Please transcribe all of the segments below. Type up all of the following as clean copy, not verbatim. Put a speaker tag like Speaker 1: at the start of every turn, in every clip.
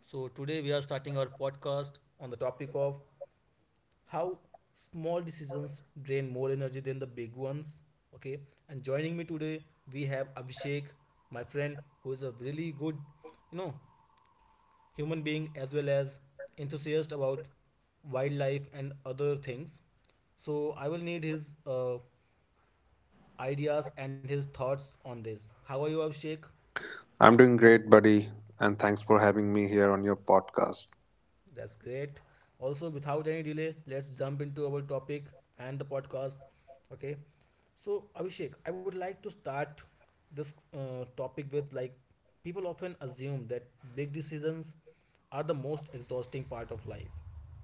Speaker 1: Today we are starting our podcast on the topic of how small decisions drain more energy than the big ones. Okay, and joining me today we have Abhishek, my friend, who is a really good, you know, human being as well as enthusiast about wildlife and other things. So, I will need his ideas and his thoughts on this. How are you, Abhishek?
Speaker 2: I'm doing great, buddy, and thanks for having me here on your podcast.
Speaker 1: That's great. Also, without any delay, let's jump into our topic and the podcast. Okay. So, Abhishek, I would like to start this topic with like people often assume that big decisions are the most exhausting part of life,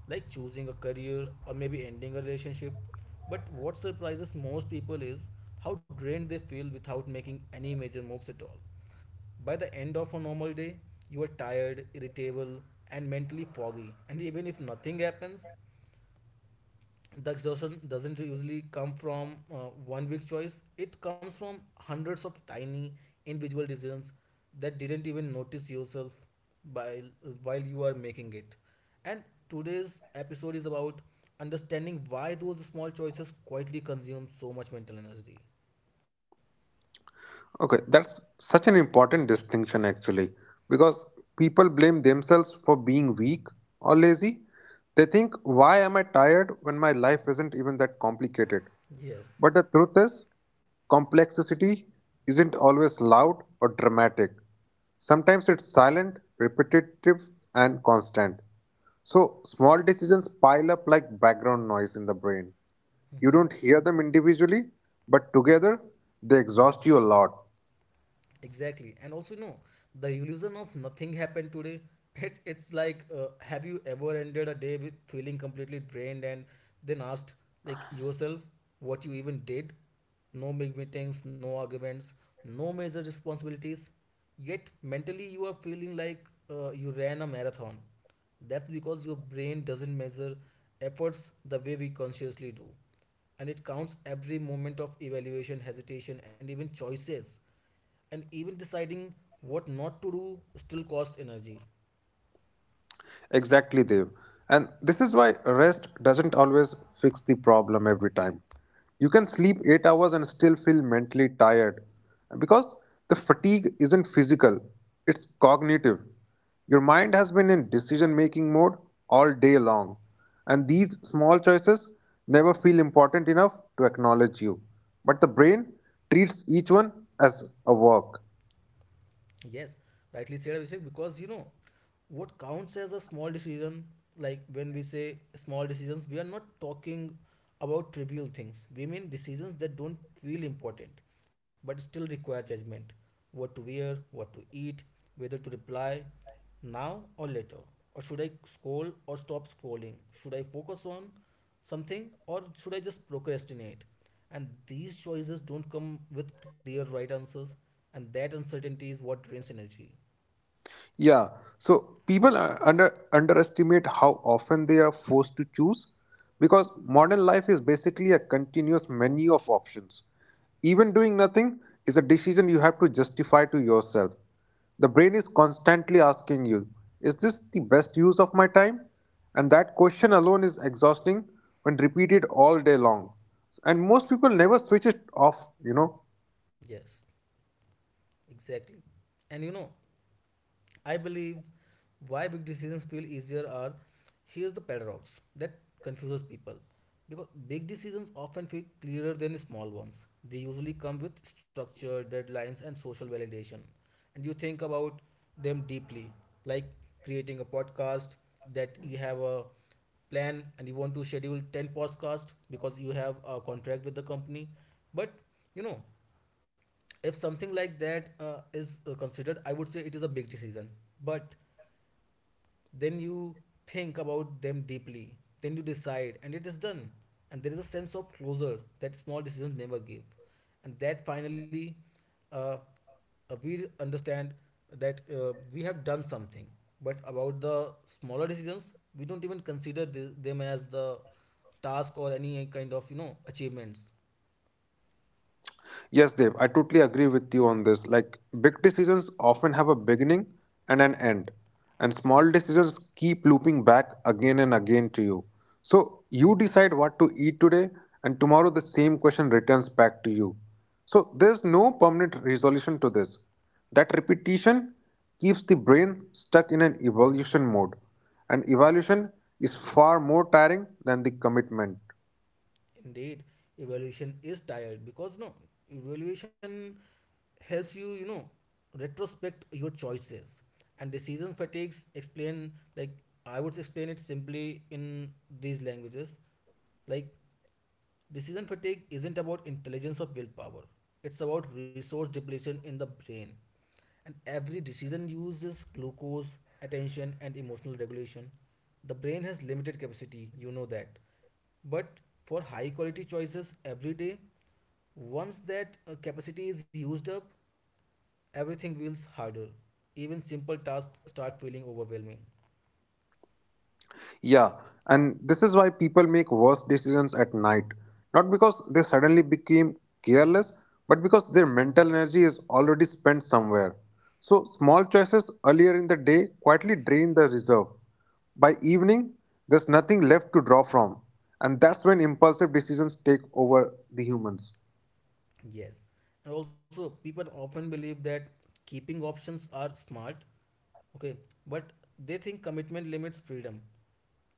Speaker 1: like choosing a career or maybe ending a relationship. But what surprises most people is how drained they feel without making any major moves at all. By the end of a normal day, you are tired, irritable, and mentally foggy. And even if nothing happens, the exhaustion doesn't usually come from one big choice, it comes from hundreds of tiny individual decisions that didn't even notice yourself while, while you are making it. And today's episode is about understanding why those small choices quietly consume so much mental energy.
Speaker 2: Okay, that's such an important distinction actually, because people blame themselves for being weak or lazy. They think, why am I tired when my life isn't even that complicated?
Speaker 1: Yes.
Speaker 2: But the truth is, complexity isn't always loud or dramatic. Sometimes it's silent, repetitive, and constant. So, small decisions pile up like background noise in the brain. You
Speaker 1: Mhm.
Speaker 2: don't hear them individually, but together they exhaust you a lot.
Speaker 1: Exactly, and also no, the illusion of nothing happened today. It's like, have you ever ended a day with feeling completely drained and then asked like yourself what you even did? No big meetings, no arguments, no major responsibilities. Yet mentally you are feeling like you ran a marathon. That's because your brain doesn't measure efforts the way we consciously do, and it counts every moment of evaluation, hesitation, and even choices, and even deciding what not to do still costs energy.
Speaker 2: Exactly, Dev. And this is why rest doesn't always fix the problem every time. You can sleep 8 hours and still feel mentally tired because the fatigue isn't physical, it's cognitive. Your mind has been in decision making mode all day long, and these small choices never feel important enough to acknowledge you. But the brain treats each one as a work.
Speaker 1: Yes, rightly said, Abhishek, because you know what counts as a small decision. Like when we say small decisions, we are not talking about trivial things. We mean decisions that don't feel important but still require judgment. What to wear, what to eat, whether to reply now or later, or should I scroll or stop scrolling, should I focus on something or should I just procrastinate. And these choices don't come with clear right answers, and that uncertainty is what drains energy.
Speaker 2: Yeah. So people underestimate how often they are forced to choose because modern life is basically a continuous menu of options. Even doing nothing is a decision you have to justify to yourself. The brain is constantly asking you, is this the best use of my time? And that question alone is exhausting when repeated all day long. And most people never switch it off, you know.
Speaker 1: Yes, exactly. And you know, I believe why big decisions feel easier are, here's the paradox that confuses people. Because big decisions often feel clearer than small ones. They usually come with structure, deadlines, and social validation. And you think about them deeply, like creating a podcast that you have a plan and you want to schedule 10 podcasts because you have a contract with the company. But you know, if something like that is considered, I would say it is a big decision, but then you think about them deeply, then you decide and it is done, and there is a sense of closure that small decisions never give. And that finally, uh, we understand that we have done something, but about the smaller decisions we don't even consider them as the task or any kind of, you know, achievements.
Speaker 2: Yes, Dev, I totally agree with you on this. Like, big decisions often have a beginning and an end, and small decisions keep looping back again and again to you. So, you decide what to eat today, and tomorrow the same question returns back to you. So, there's no permanent resolution to this. That repetition keeps the brain stuck in an evolution mode, and evolution is far more tiring than the commitment.
Speaker 1: Indeed, evaluation is tired because no, evaluation helps you, you know, retrospect your choices. And decision fatigues explain like, I would explain it simply in these languages, like, decision fatigue isn't about intelligence of willpower, it's about resource depletion in the brain. And every decision uses glucose, attention, and emotional regulation. The brain has limited capacity, you know that. But for high quality choices every day, once that capacity is used up, everything feels harder. Even simple tasks start feeling overwhelming.
Speaker 2: Yeah, and this is why people make worse decisions at night. Not because they suddenly became careless, but because their mental energy is already spent somewhere. So, small choices earlier in the day quietly drain the reserve. By evening, there's nothing left to draw from, and that's when impulsive decisions take over the humans.
Speaker 1: Yes. And also, people often believe that keeping options are smart, okay, but they think commitment limits freedom.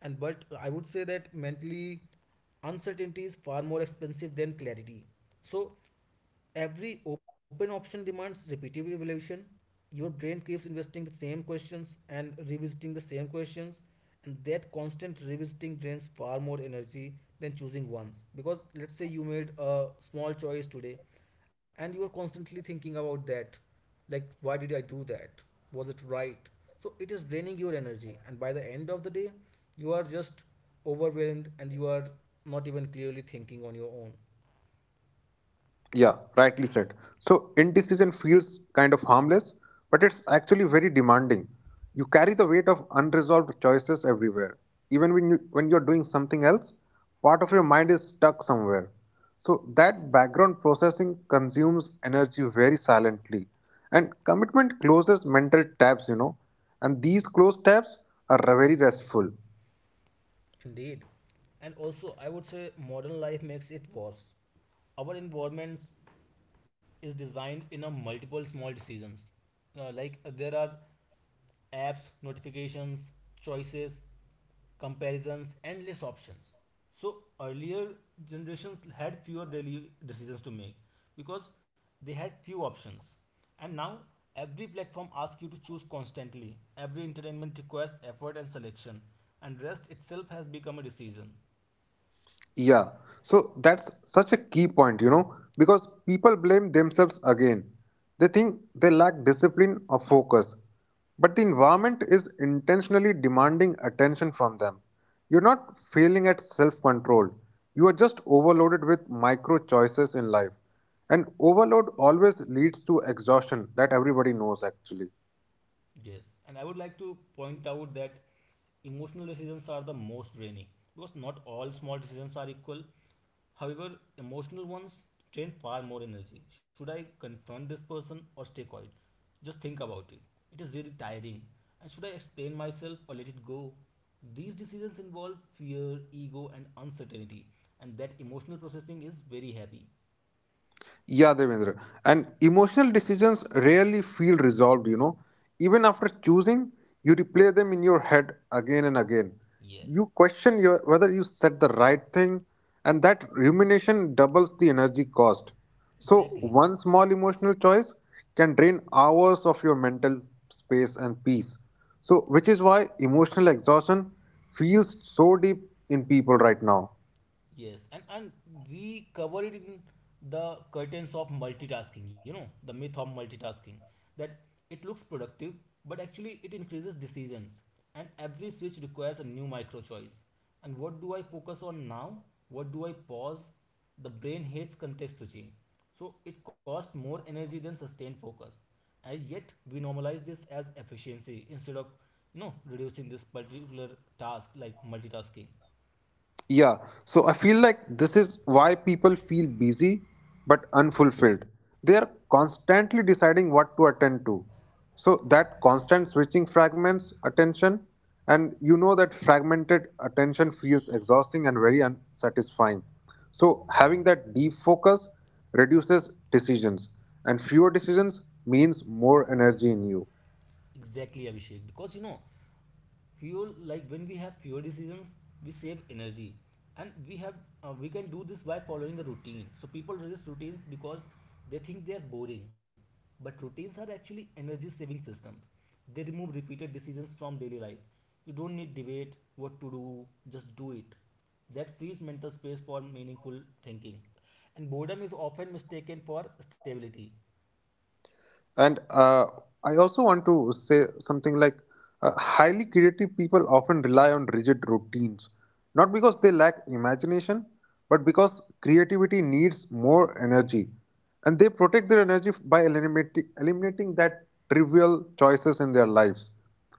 Speaker 1: And but I would say that mentally, uncertainty is far more expensive than clarity. So every open option demands repetitive evaluation. Your brain keeps investing the same questions and revisiting the same questions, and that constant revisiting drains far more energy than choosing once. Because let's say you made a small choice today and you are constantly thinking about that, like why did I do that, was it right, so it is draining your energy. And by the end of the day you are just overwhelmed and you are not even clearly thinking on your own.
Speaker 2: Yeah, rightly said. So indecision feels kind of harmless, but it's actually very demanding. You carry the weight of unresolved choices everywhere. Even when you're doing something else, part of your mind is stuck somewhere. So that background processing consumes energy very silently. And commitment closes mental tabs, you know. And these closed tabs are very restful.
Speaker 1: Indeed. And also, I would say modern life makes it worse. Our environment is designed in a multiple small decisions. Like there are apps, notifications, choices, comparisons, endless options. So earlier generations had fewer daily decisions to make because they had few options, and now every platform asks you to choose constantly. Every entertainment requires effort and selection, and rest itself has become a decision.
Speaker 2: Yeah, so that's such a key point, you know, because people blame themselves again. They think they lack discipline or focus, but the environment is intentionally demanding attention from them. You're not failing at self control, you are just overloaded with micro choices in life. And overload always leads to exhaustion, that everybody knows actually.
Speaker 1: Yes, and I would like to point out that emotional decisions are the most draining, because not all small decisions are equal. However, emotional ones drain far more energy. Should I confront this person or stay quiet? Just think about it. It is really tiring. And should I explain myself or let it go? These decisions involve fear, ego, and uncertainty, and that emotional processing is very heavy.
Speaker 2: Yeah, Devendra. And emotional decisions rarely feel resolved, you know. Even after choosing, you replay them in your head again and again.
Speaker 1: Yes,
Speaker 2: You question your, whether you said the right thing, and that rumination doubles the energy cost. So,
Speaker 1: exactly.
Speaker 2: one small emotional choice can drain hours of your mental space and peace. So, which is why emotional exhaustion feels so deep in people right now.
Speaker 1: Yes, and we cover it in the curtains of multitasking, you know, the myth of multitasking, that it looks productive, but actually it increases decisions. And every switch requires a new micro choice. And what do I focus on now? What do I pause? The brain hates context switching. So it costs more energy than sustained focus. And yet we normalize this as efficiency instead of, you know, reducing this particular task like multitasking.
Speaker 2: Yeah. So I feel like this is why people feel busy but unfulfilled. They are constantly deciding what to attend to. So that constant switching fragments attention, and you know that fragmented attention feels exhausting and very unsatisfying. So having that deep focus reduces decisions, and fewer decisions means more energy in you.
Speaker 1: Exactly, Abhishek. Because you know, fuel like when we have fewer decisions, we save energy, and we have, we can do this by following a routine. So people resist routines because they think they are boring, but routines are actually energy saving systems. They remove repeated decisions from daily life. You don't need debate what to do; just do it. That frees mental space for meaningful thinking, and boredom is often mistaken for stability.
Speaker 2: And I also want to say something like highly creative people often rely on rigid routines, not because they lack imagination, but because creativity needs more energy. And they protect their energy f- by eliminating that trivial choices in their lives.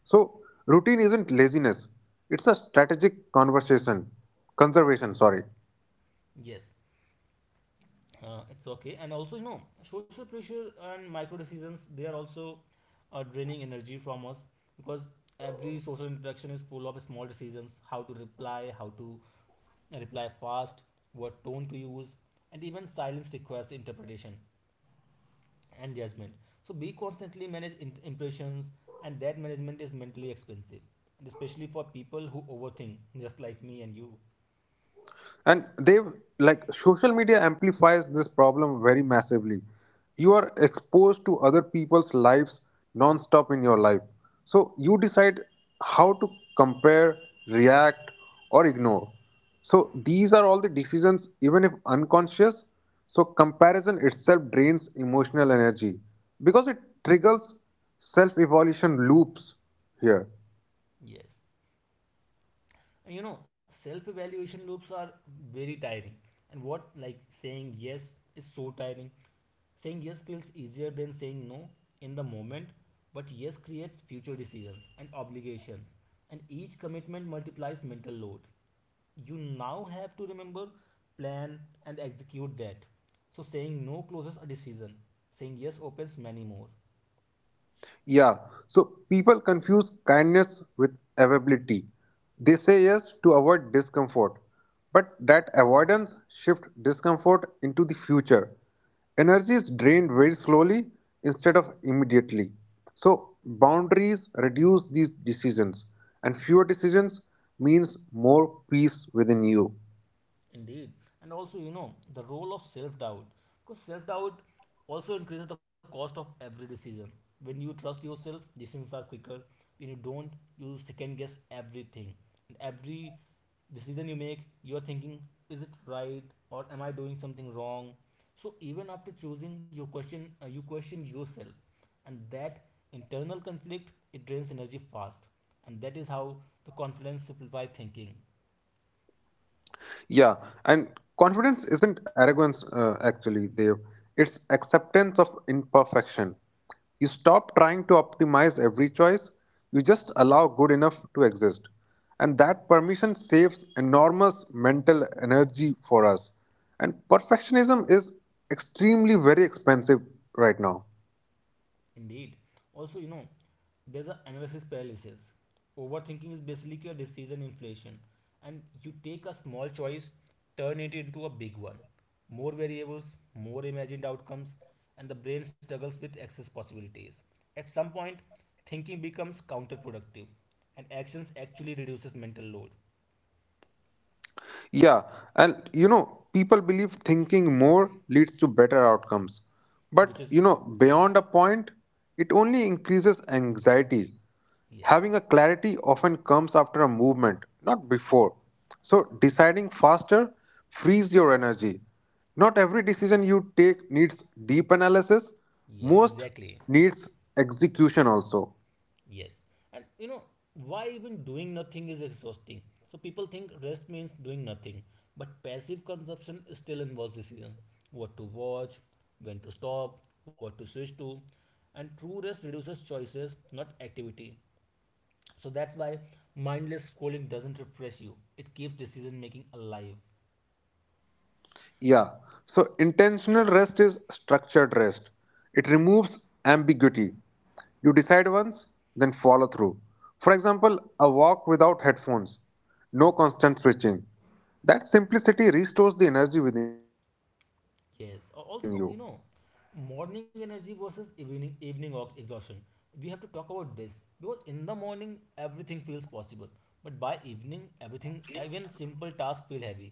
Speaker 2: So, routine isn't laziness, it's a strategic conversation, conservation, sorry.
Speaker 1: Yes, it's okay. And also you know, social pressure and micro decisions, they are also draining energy from us. Because every social interaction is full of small decisions. How to reply, how to reply fast, what tone to use, and even silence requires interpretation and judgment. So we constantly manage impressions, and that management is mentally expensive, and especially for people who overthink just like me and you.
Speaker 2: And they've like social media amplifies this problem very massively. You are exposed to other people's lives non-stop in your life. So you decide how to compare, react, or ignore. So these are all the decisions, even if unconscious. So comparison itself drains emotional energy because it triggers self-evolution loops here.
Speaker 1: Yes. And you know, self evaluation loops are very tiring. And what, like, saying yes is so tiring. Saying yes feels easier than saying no in the moment, but yes creates future decisions and obligations. And each commitment multiplies mental load. You now have to remember, plan, and execute that. So saying no closes a decision, saying yes opens many more.
Speaker 2: Yeah, so people confuse kindness with availability. They say yes to avoid discomfort, but that avoidance shifts discomfort into the future. Energy is drained very slowly instead of immediately. So, boundaries reduce these decisions, and fewer decisions means more peace within you.
Speaker 1: Indeed. And also, you know, the role of self doubt. Because self doubt also increases the cost of every decision. When you trust yourself, decisions are quicker. When you don't, you second guess everything. And every decision you make, you are thinking, is it right or am I doing something wrong? So even after choosing, you question yourself, and that internal conflict it drains energy fast, and that is how the confidence simplify thinking.
Speaker 2: Yeah, and confidence isn't arrogance, actually, Dev. It's acceptance of imperfection. You stop trying to optimize every choice, you just allow good enough to exist. And that permission saves enormous mental energy for us. And perfectionism is extremely very expensive right now.
Speaker 1: Indeed. Also, you know, there's a analysis paralysis. Overthinking is basically a decision inflation, and you take a small choice, turn it into a big one. More variables, more imagined outcomes, and the brain struggles with excess possibilities. At some point, thinking becomes counterproductive, and actions actually reduces mental load,
Speaker 2: Yeah, and you know, people believe thinking more leads to better outcomes.
Speaker 1: which
Speaker 2: But
Speaker 1: is
Speaker 2: you know, beyond a point, it only increases anxiety.
Speaker 1: yes,
Speaker 2: Having a clarity often comes after a movement, not before. So, deciding faster frees your energy. Not every decision you take needs deep analysis,
Speaker 1: yes,
Speaker 2: most
Speaker 1: exactly.
Speaker 2: needs execution also.
Speaker 1: Yes. And you know, why even doing nothing is exhausting. So people think rest means doing nothing, but passive consumption still involves decision. What to watch, when to stop, what to switch to. And true rest reduces choices, not activity. So that's why mindless scrolling doesn't refresh you. It keeps decision making alive.
Speaker 2: Yeah. So intentional rest is structured rest. It removes ambiguity. You decide once, then follow through. For example, a walk without headphones, no constant switching. That simplicity restores the energy within you.
Speaker 1: Yes. Also, no, you know, morning energy versus evening exhaustion. We have to talk about this because in the morning everything feels possible, but by evening everything, even simple tasks feel heavy,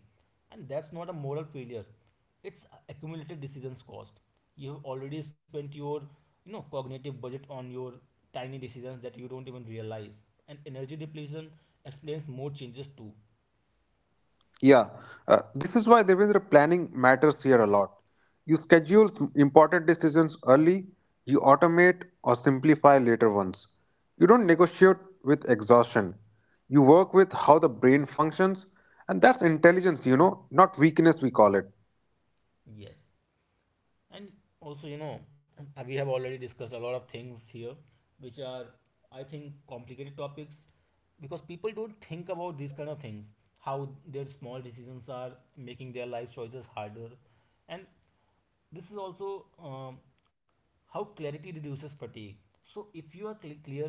Speaker 1: and that's not a moral failure. It's accumulated decisions cost. You have already spent your, you know, cognitive budget on your tiny decisions that you don't even realize, and energy depletion explains more changes too.
Speaker 2: Yeah, this is why Devendra planning matters here a lot. You schedule s- important decisions early, you automate or simplify later ones. You don't negotiate with exhaustion. You work with how the brain functions, and that's intelligence, you know, not weakness, we call it.
Speaker 1: Yes. And also, you know, we have already discussed a lot of things here which are, I think, complicated topics because people don't think about these kind of things, how their small decisions are making their life choices harder. And this is also how clarity reduces fatigue. So if you are clear,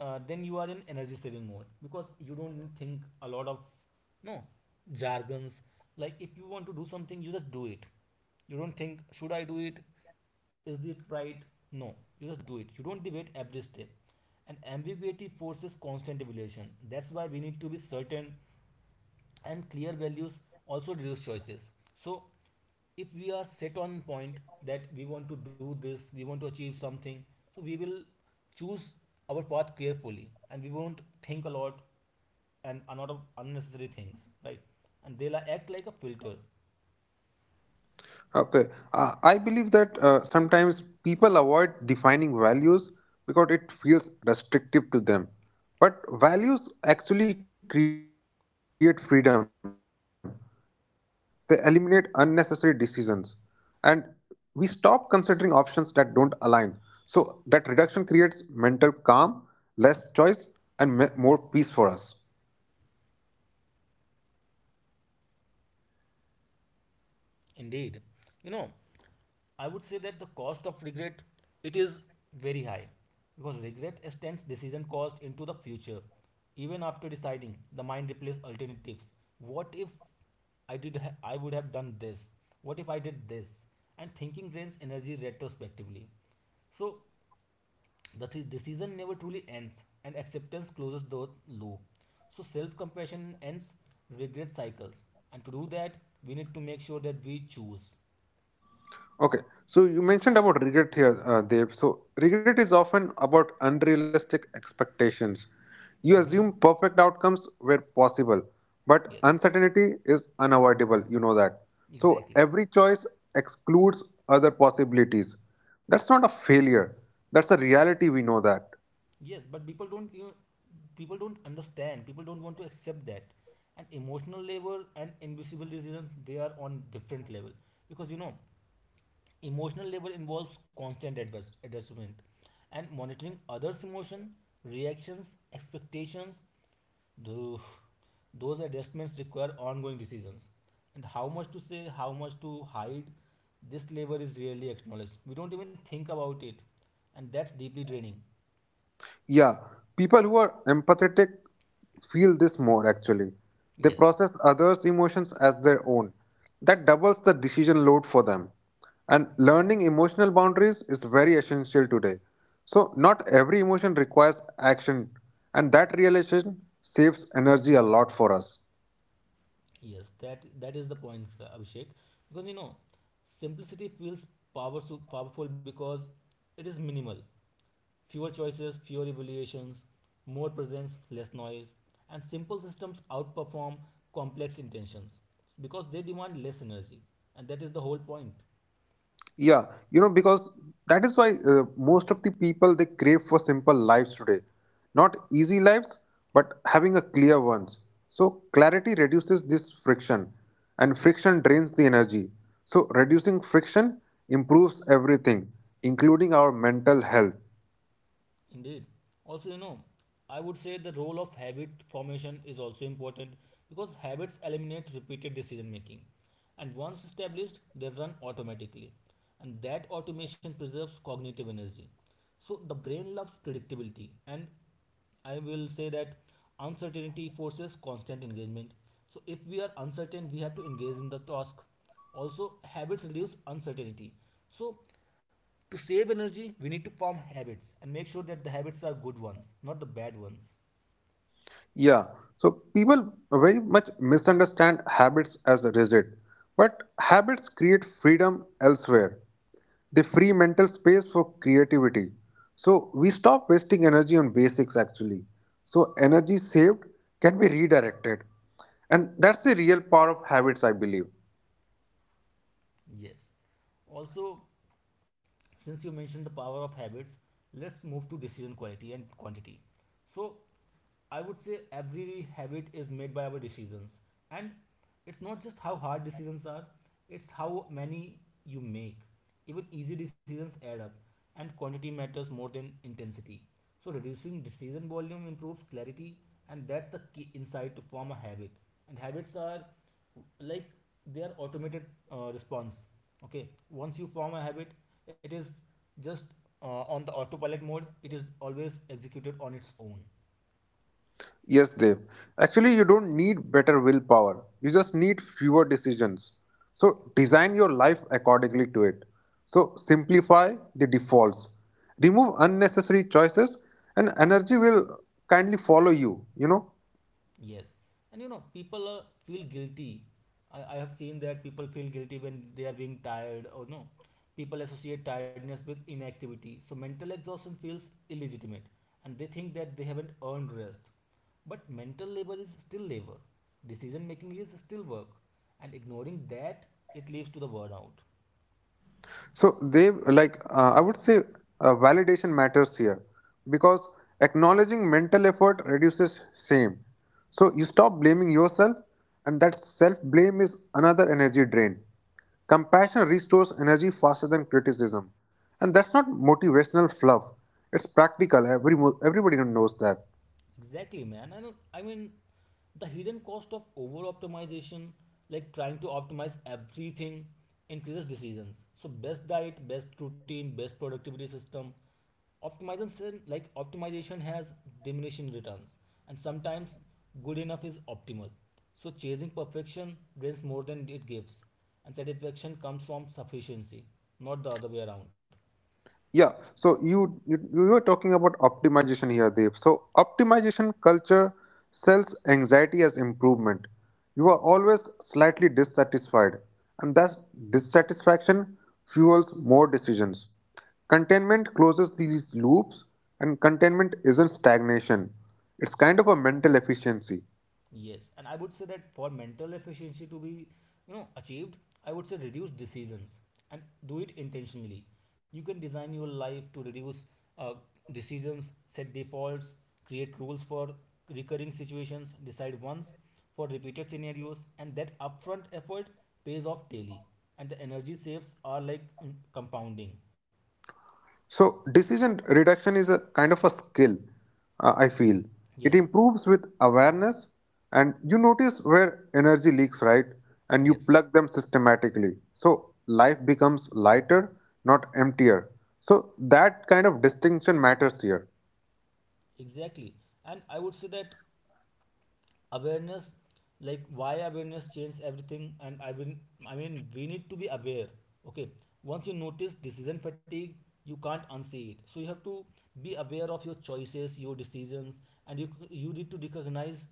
Speaker 1: then you are in energy saving mode because you don't need think a lot of, no, jargons. Like if you want to do something, you just do it. You don't think, should I do it, is it right? No, you just do it. You don't debate every step. And ambiguity forces constant evaluation, that's why we need to be certain. And clear values also reduce choices. So if we are set on point that we want to do this, we want to achieve something, so we will choose our path carefully and we won't think a lot and a lot of unnecessary things, right? And they'll act like a filter.
Speaker 2: Okay. I believe that sometimes people avoid defining values because it feels restrictive to them. But values actually create freedom, they eliminate unnecessary decisions. And we stop considering options that don't align. So that reduction creates mental calm, less choice, and me- more peace for us.
Speaker 1: Indeed, you know, I would say that the cost of regret, it is very high because regret extends decision cost into the future. Even after deciding, the mind replaces alternatives. What if I would have done this? What if I did this? And thinking drains energy retrospectively. So the decision never truly ends, and acceptance closes the loop. So self compassion ends regret cycles, and to do that, we need to make sure that we choose.
Speaker 2: Okay, so you mentioned about regret here, Dev. So, regret is often about unrealistic expectations. You assume
Speaker 1: Mhm.
Speaker 2: perfect outcomes where possible, but
Speaker 1: Yes,
Speaker 2: uncertainty is unavoidable, you know that. So,
Speaker 1: exactly.
Speaker 2: every choice excludes other possibilities. That's not a failure, that's a reality, we know that.
Speaker 1: Yes, but people don't, you know, people don't understand. People don't want to accept that. And emotional labor and invisible resilience, they are on different level because, you know, emotional labor involves constant adjustment and monitoring others' emotion, reactions, expectations. Those those adjustments require ongoing decisions. And how much to say, how much to hide, this labor is rarely acknowledged. We don't even think about it, and that's deeply draining.
Speaker 2: Yeah, people who are empathetic feel this more actually. They
Speaker 1: Yes,
Speaker 2: process others' emotions as their own. That doubles the decision load for them. And learning emotional boundaries is very essential today. So, not every emotion requires action, and that realization saves energy a lot for us.
Speaker 1: yes, that that is the point, Abhishek. Because, you know, simplicity feels powerful, powerful because it is minimal. Fewer choices, fewer evaluations, more presence, less noise, and simple systems outperform complex intentions because they demand less energy, and that is the whole point.
Speaker 2: Yeah, you know, because that is why most of the people they crave for simple lives today. Not easy lives, but having a clear ones. So clarity reduces this friction and friction drains the energy. So reducing friction improves everything, including our mental health.
Speaker 1: Indeed. Also, you know, I would say the role of habit formation is also important because habits eliminate repeated decision making. And once established, they run automatically. And that automation preserves cognitive energy. So the brain loves predictability. And I will say that uncertainty forces constant engagement. So if we are uncertain, we have to engage in the task. Also, habits reduce uncertainty. So to save energy, we need to form habits and make sure that the habits are good ones, not the bad ones.
Speaker 2: Yeah, so people very much misunderstand habits as rigid, but habits create freedom elsewhere. They free mental space for creativity. So we stop wasting energy on basics actually. So energy saved can be redirected. And that's the real power of habits, I believe.
Speaker 1: Yes. Also, since you mentioned the power of habits, let's move to decision quality and quantity. So, I would say every habit is made by our decisions. And it's not just how hard decisions are, it's how many you make. Even easy decisions add up, and quantity matters more than intensity. So, reducing decision volume improves clarity, and that's the key insight to form a habit. And habits are like, they are automated response. Okay, once you form a habit, it is just on the autopilot mode, it is always executed on its own.
Speaker 2: Yes, Dev. Actually, you don't need better willpower. You just need fewer decisions. So design your life accordingly to it. So simplify the defaults. Remove unnecessary choices and energy will kindly follow you, you know.
Speaker 1: Yes, and you know, people feel guilty. I have seen that people feel guilty when they are being tired or no. People associate tiredness with inactivity, so mental exhaustion feels illegitimate, and they think that they haven't earned rest. But mental labor is still labor, decision making is still work, and ignoring that, it leads to the burnout.
Speaker 2: So they like I would say validation matters here because acknowledging mental effort reduces shame. So you stop blaming yourself, and that self blame is another energy drain. Compassion restores energy faster than criticism, and that's not motivational fluff. It's practical. Everybody knows that.
Speaker 1: Exactly, man. And I mean, the hidden cost of over optimization, like trying to optimize everything, increases decisions. So, best diet, best routine, best productivity system. Optimization, like optimization, has diminishing returns, and sometimes good enough is optimal. So, chasing perfection drains more than it gives, and satisfaction comes from sufficiency, not the other way around.
Speaker 2: Yeah, so you were talking about optimization here, Dev. So optimization culture sells anxiety as improvement. You are always slightly dissatisfied, and that dissatisfaction fuels more decisions. Containment closes these loops, and containment isn't stagnation. It's kind of a mental efficiency.
Speaker 1: Yes, and I would say that for mental efficiency to be, you know, achieved, I would say reduce decisions and do it intentionally. You can design your life to reduce uh, decisions, set defaults, create rules for recurring situations, decide once for repeated scenarios, and that upfront effort pays off daily. And the energy saves are like, compounding.
Speaker 2: So, decision reduction is a kind of a skill, I feel. It
Speaker 1: Yes.
Speaker 2: improves with awareness, and you notice where energy leaks, right? And you
Speaker 1: Yes.
Speaker 2: plug them systematically. So, life becomes lighter, not emptier. So, that kind of distinction matters here.
Speaker 1: Exactly. And I would say that awareness, like why awareness changes everything. And I mean we need to be aware. Okay, once you notice decision fatigue, you can't unsee it, so you have to be aware of your choices, your decisions. And you need to recognize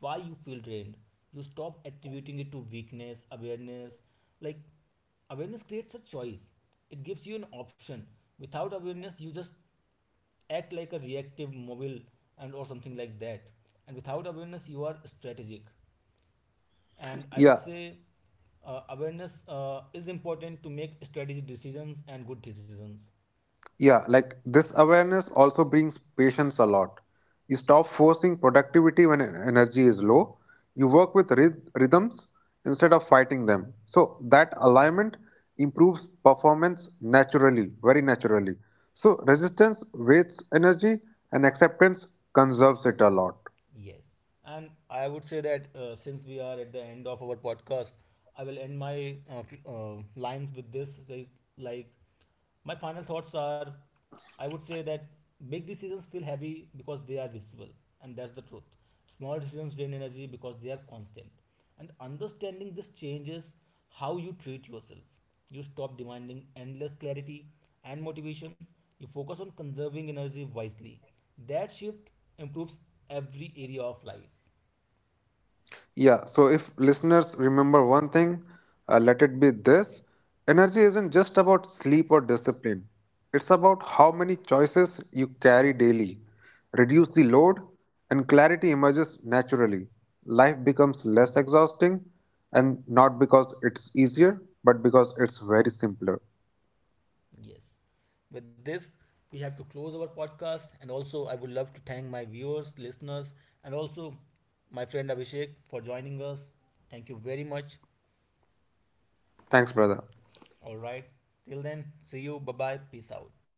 Speaker 1: why you feel drained. You stop attributing it to weakness. Awareness, like awareness creates a choice, it gives you an option. Without awareness, you just act like a reactive mobile and or something like that. And without awareness, you are strategic. And I would
Speaker 2: Yeah,
Speaker 1: say awareness is important to make strategic decisions and good decisions.
Speaker 2: Yeah, like this awareness also brings patience a lot. You stop forcing productivity when en- energy is low. You work with ryth- rhythms instead of fighting them. So that alignment improves performance naturally, very naturally. So resistance wastes energy and acceptance conserves it a lot.
Speaker 1: Yes. And I would say that, since we are at the end of our podcast, I will end my lines with this. Like, my final thoughts are, I would say that big decisions feel heavy because they are visible, and that's the truth. Small decisions drain energy because they are constant. And understanding this changes how you treat yourself. You stop demanding endless clarity and motivation. You focus on conserving energy wisely. That shift improves every area of life.
Speaker 2: Yeah, so if listeners remember one thing, let it be this energy isn't just about sleep or discipline, it's about how many choices you carry daily. Reduce the load, and clarity emerges naturally. Life becomes less exhausting, and not because it's easier, but because it's very simpler.
Speaker 1: Yes. With this, we have to close our podcast. And also, I would love to thank my viewers, listeners, and also my friend Abhishek for joining us. Thank you very much.
Speaker 2: Thanks, brother.
Speaker 1: All right. Till then, see you. Bye bye. Peace out.